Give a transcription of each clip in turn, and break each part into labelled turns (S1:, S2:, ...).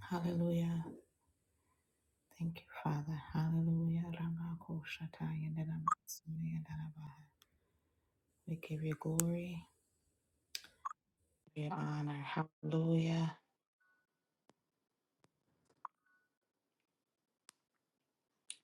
S1: Hallelujah. Thank you, Father. Hallelujah. Ramakoshataya neramatsuya nerabaha. We give you glory. We honor. Hallelujah.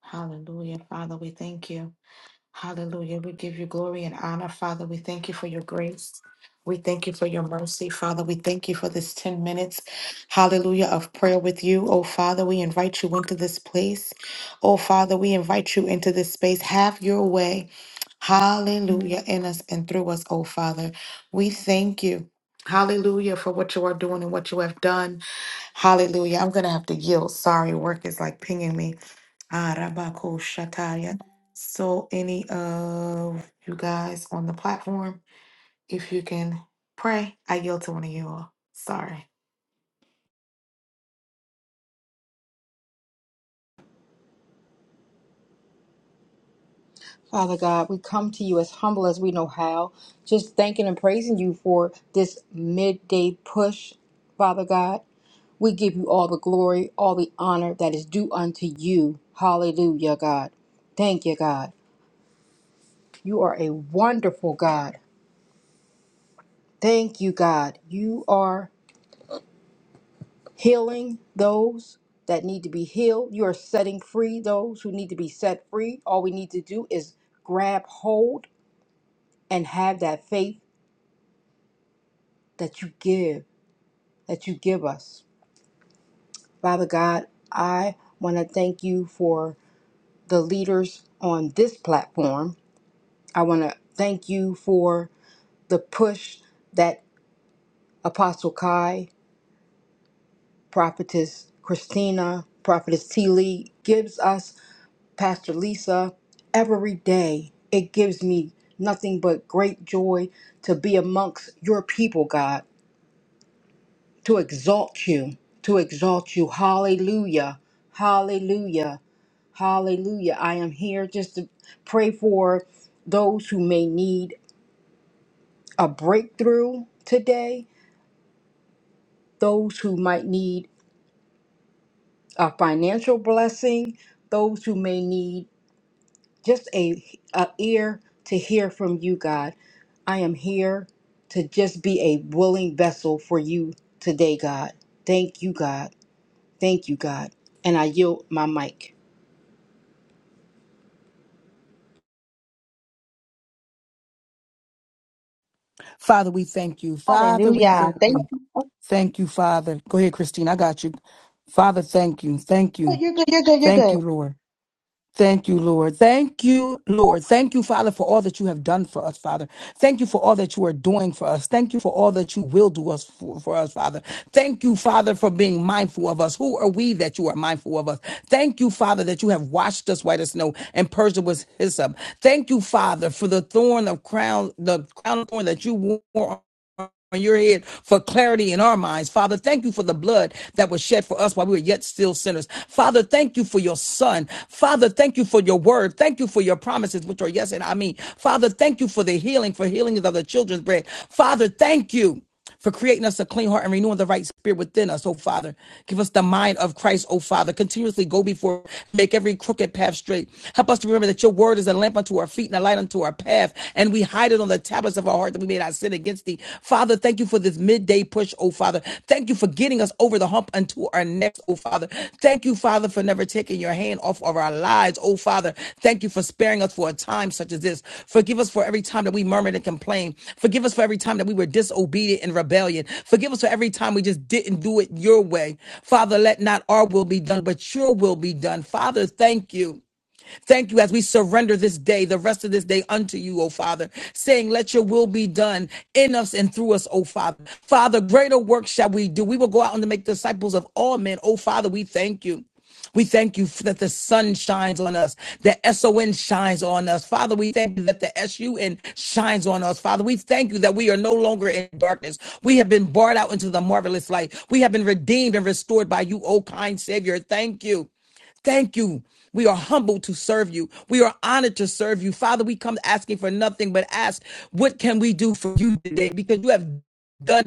S1: Hallelujah. Father, we thank you. Hallelujah. We give you glory and honor, Father. We thank you for your grace. We thank you for your mercy, Father. We thank you for this 10 minutes, hallelujah, of prayer with you. Oh, Father, we invite you into this place. Oh, Father, we invite you into this space. Have your way. Hallelujah. In us and through us, oh Father. We thank you. Hallelujah for what you are doing and what you have done. Hallelujah. I'm going to have to yield. Sorry, work is like pinging me. Ah, Rabako Shataya. So, any of you guys on the platform, if you can pray, I yield to one of you all. Sorry.
S2: Father God, we come to you as humble as we know how, just thanking and praising you for this midday push, Father God. We give you all the glory, all the honor that is due unto you. Hallelujah, God. Thank you, God. You are a wonderful God. Thank you, God. You are healing those that need to be healed. You are setting free those who need to be set free. All we need to do is grab hold and have that faith that you give. that you give us. Father God, I want to thank you for the leaders on this platform. I want to thank you for the push that Apostle Kai, Prophetess Christina, Prophetess T. Lee gives us, Pastor Lisa, every day. It gives me nothing but great joy to be amongst your people, God, to exalt you, to exalt you. Hallelujah. Hallelujah. Hallelujah. I am here just to pray for those who may need a breakthrough today, those who might need a financial blessing, those who may need just a, a ear to hear from you, God. I am here to just be a willing vessel for you today, God. Thank you, God. Thank you, God. And I yield my mic.
S3: Father, we thank you. Father, we
S4: Hallelujah.
S3: thank
S4: Thank
S3: you.
S4: you. Oh,
S3: Thank you, Father. Go ahead, Christine. I got you. Father, thank you. Thank you.
S4: You're good. You're good. You're good.
S3: Thank you, Lord. Thank you, Lord. Thank you, Lord. Thank you, Father, for all that you have done for us, Father. Thank you for all that you are doing for us. Thank you for all that you will do us for, for us, Father. Thank you, Father, for being mindful of us. Who are we that you are mindful of us? Thank you, Father, that you have washed us white as snow and purged us with hyssop. Thank you, Father, for the thorn of crown, the crown of thorn that you wore on your head for clarity in our minds. Father, thank you for the blood that was shed for us while we were yet still sinners. Father, thank you for your son. Father, thank you for your word. Thank you for your promises, which are yes and I mean. Father, thank you for the healing, for healing is of the children's bread. Father, thank you for creating us a clean heart and renewing the right spirit within us, oh Father. Give us the mind of Christ, oh Father. Continuously go before, make every crooked path straight. Help us to remember that your word is a lamp unto our feet and a light unto our path, and we hide it on the tablets of our heart that we may not sin against thee. Father, thank you for this midday push, oh Father. Thank you for getting us over the hump unto our next, oh Father. Thank you, Father, for never taking your hand off of our lives, oh Father. Thank you for sparing us for a time such as this. Forgive us for every time that we murmured and complained. Forgive us for every time that we were disobedient and rebellion. Forgive us for every time we just didn't do it your way. Father, let not our will be done, but your will be done. Father, thank you. Thank you as we surrender this day, the rest of this day unto you, O Father, saying, Let your will be done in us and through us, O Father. Father, greater work shall we do. We will go out and make disciples of all men. O Father, we thank you. We thank you that the sun shines on us, the SON shines on us. Father, we thank you that the SUN shines on us. Father, we thank you that we are no longer in darkness. We have been brought out into the marvelous light. We have been redeemed and restored by you, O kind Savior. Thank you. Thank you. We are humbled to serve you. We are honored to serve you. Father, we come asking for nothing but ask, what can we do for you today? Because you have done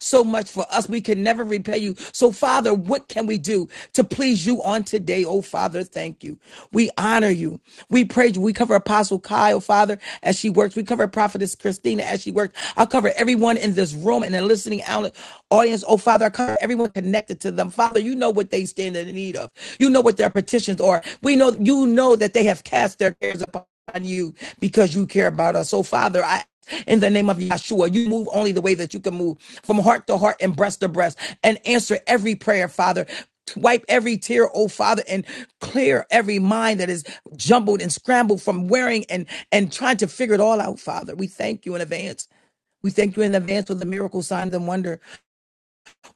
S3: so much for us. We can never repay you. So, Father, what can we do to please you on today? Oh, Father, thank you. We honor you. We praise you. We cover Apostle Kyle, Father, as she works. We cover Prophetess Christina as she works. I'll cover everyone in this room and the listening out- audience. Oh, Father, I cover everyone connected to them. Father, you know what they stand in need of. You know what their petitions are. We know you know that they have cast their cares upon on you because you care about us. So, Father, I in the name of Yeshua, you move only the way that you can move from heart to heart and breast to breast and answer every prayer, Father. Wipe every tear, oh Father, and clear every mind that is jumbled and scrambled from wearing and and trying to figure it all out, Father. We thank you in advance. We thank you in advance for the miracle, signs, and wonder.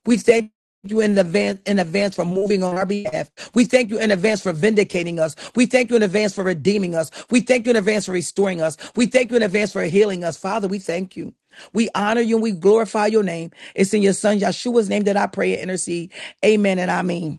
S3: We thank you in advance in advance for moving on our behalf. We thank you in advance for vindicating us. We thank you in advance for redeeming us. We thank you in advance for restoring us. We thank you in advance for healing us. Father, we thank you. We honor you and we glorify your name. It's in your son Yeshua's name that I pray and intercede. Amen and I mean.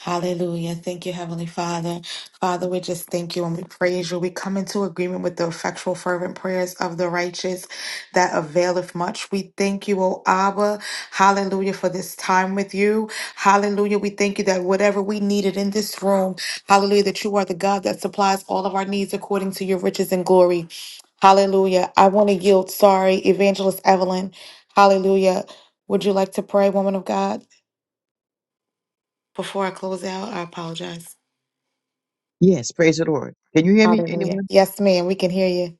S1: Hallelujah. Thank you, Heavenly Father. Father, we just thank you and we praise you. We come into agreement with the effectual, fervent prayers of the righteous that availeth much. We thank you, O Abba. Hallelujah, for this time with you. Hallelujah. We thank you that whatever we needed in this room, hallelujah, that you are the God that supplies all of our needs according to your riches and glory. Hallelujah. I want to yield. Sorry, Evangelist Evelyn. Hallelujah. Would you like to pray, woman of God? Before I close out, I apologize.
S5: Yes, praise the Lord. Can you hear me,
S1: Hallelujah.
S5: anyone?
S1: Yes, ma'am. We can hear you.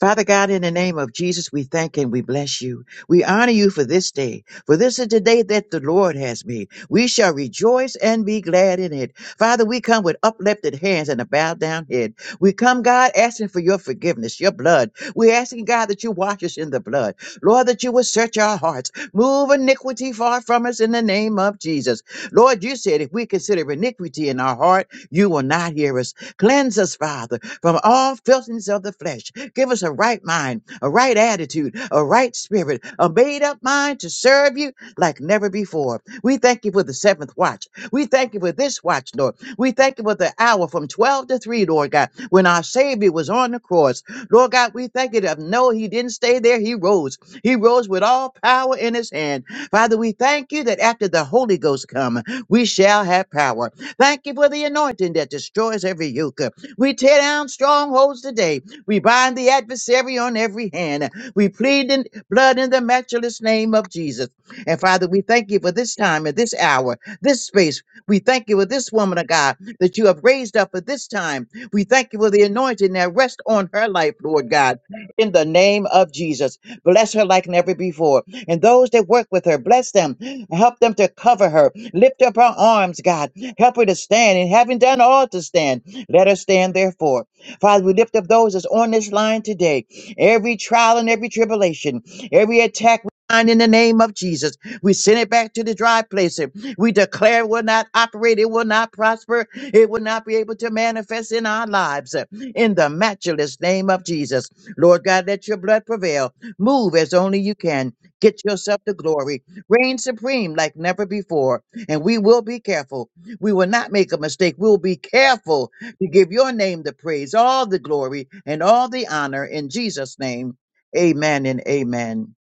S5: Father God, in the name of Jesus, we thank and we bless you. We honor you for this day, for this is the day that the Lord has made. We shall rejoice and be glad in it. Father, we come with uplifted hands and a bowed down head. We come, God, asking for your forgiveness, your blood. We're asking, God, that you wash us in the blood. Lord, that you will search our hearts. Move iniquity far from us in the name of Jesus. Lord, you said if we consider iniquity in our heart, you will not hear us. Cleanse us, Father from all filthiness of the flesh. Give us a right mind, a right attitude, a right spirit, a made up mind to serve you like never before. We thank you for the seventh watch. We thank you for this watch, Lord. We thank you for the hour from 12 to 3, Lord God, when our Savior was on the cross. Lord God, we thank you that no, he didn't stay there. He rose. He rose with all power in his hand. Father, we thank you that after the Holy Ghost come, we shall have power. Thank you for the anointing that destroys every yoke. We tear down strongholds today. We bind the adversary on every hand. We plead in blood in the matchless name of Jesus. And Father, we thank you for this time and this hour, this space. We thank you for this woman of God that you have raised up for this time. We thank you for the anointing that rests on her life, Lord God, in the name of Jesus. Bless her like never before. And those that work with her, bless them. Help them to cover her. Lift up her arms, God. Help her to stand. And having done all to stand, let us stand therefore. Father, we lift up those that's on this line today. Every trial and every tribulation, every attack. we bind In the name of Jesus, we send it back to the dry place. We declare it will not operate, it will not prosper, it will not be able to manifest in our lives. In the matchless name of Jesus, Lord God, let your blood prevail. Move as only you can. Get yourself the glory. Reign supreme like never before. And we will be careful. We will not make a mistake. We will be careful we give your name the praise, all the glory, and all the honor in Jesus' name. Amen and amen.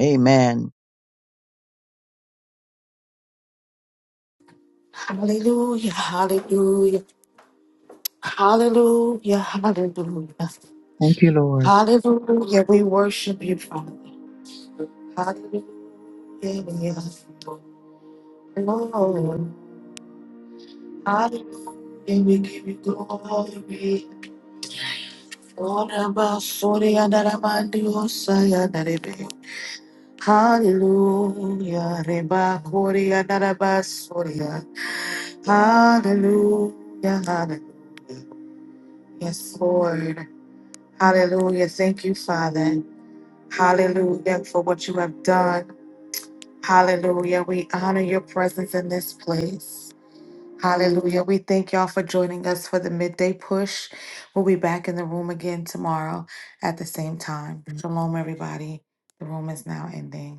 S5: Amen.
S1: Hallelujah, hallelujah, hallelujah, hallelujah,
S5: Thank you, Lord.
S1: hallelujah. We worship you, Father. Hallelujah, Lord. Hallelujah, we give you glory. Lord, I'm a sorry, and i Hallelujah, Reba, Kori, and i Hallelujah, hallelujah. Yes, Lord. Hallelujah. Thank you, Father. Hallelujah for what you have done. Hallelujah. We honor your presence in this place. Hallelujah. We thank y'all for joining us for the midday push. We'll be back in the room again tomorrow at the same time. Shalom, everybody. The room is now ending.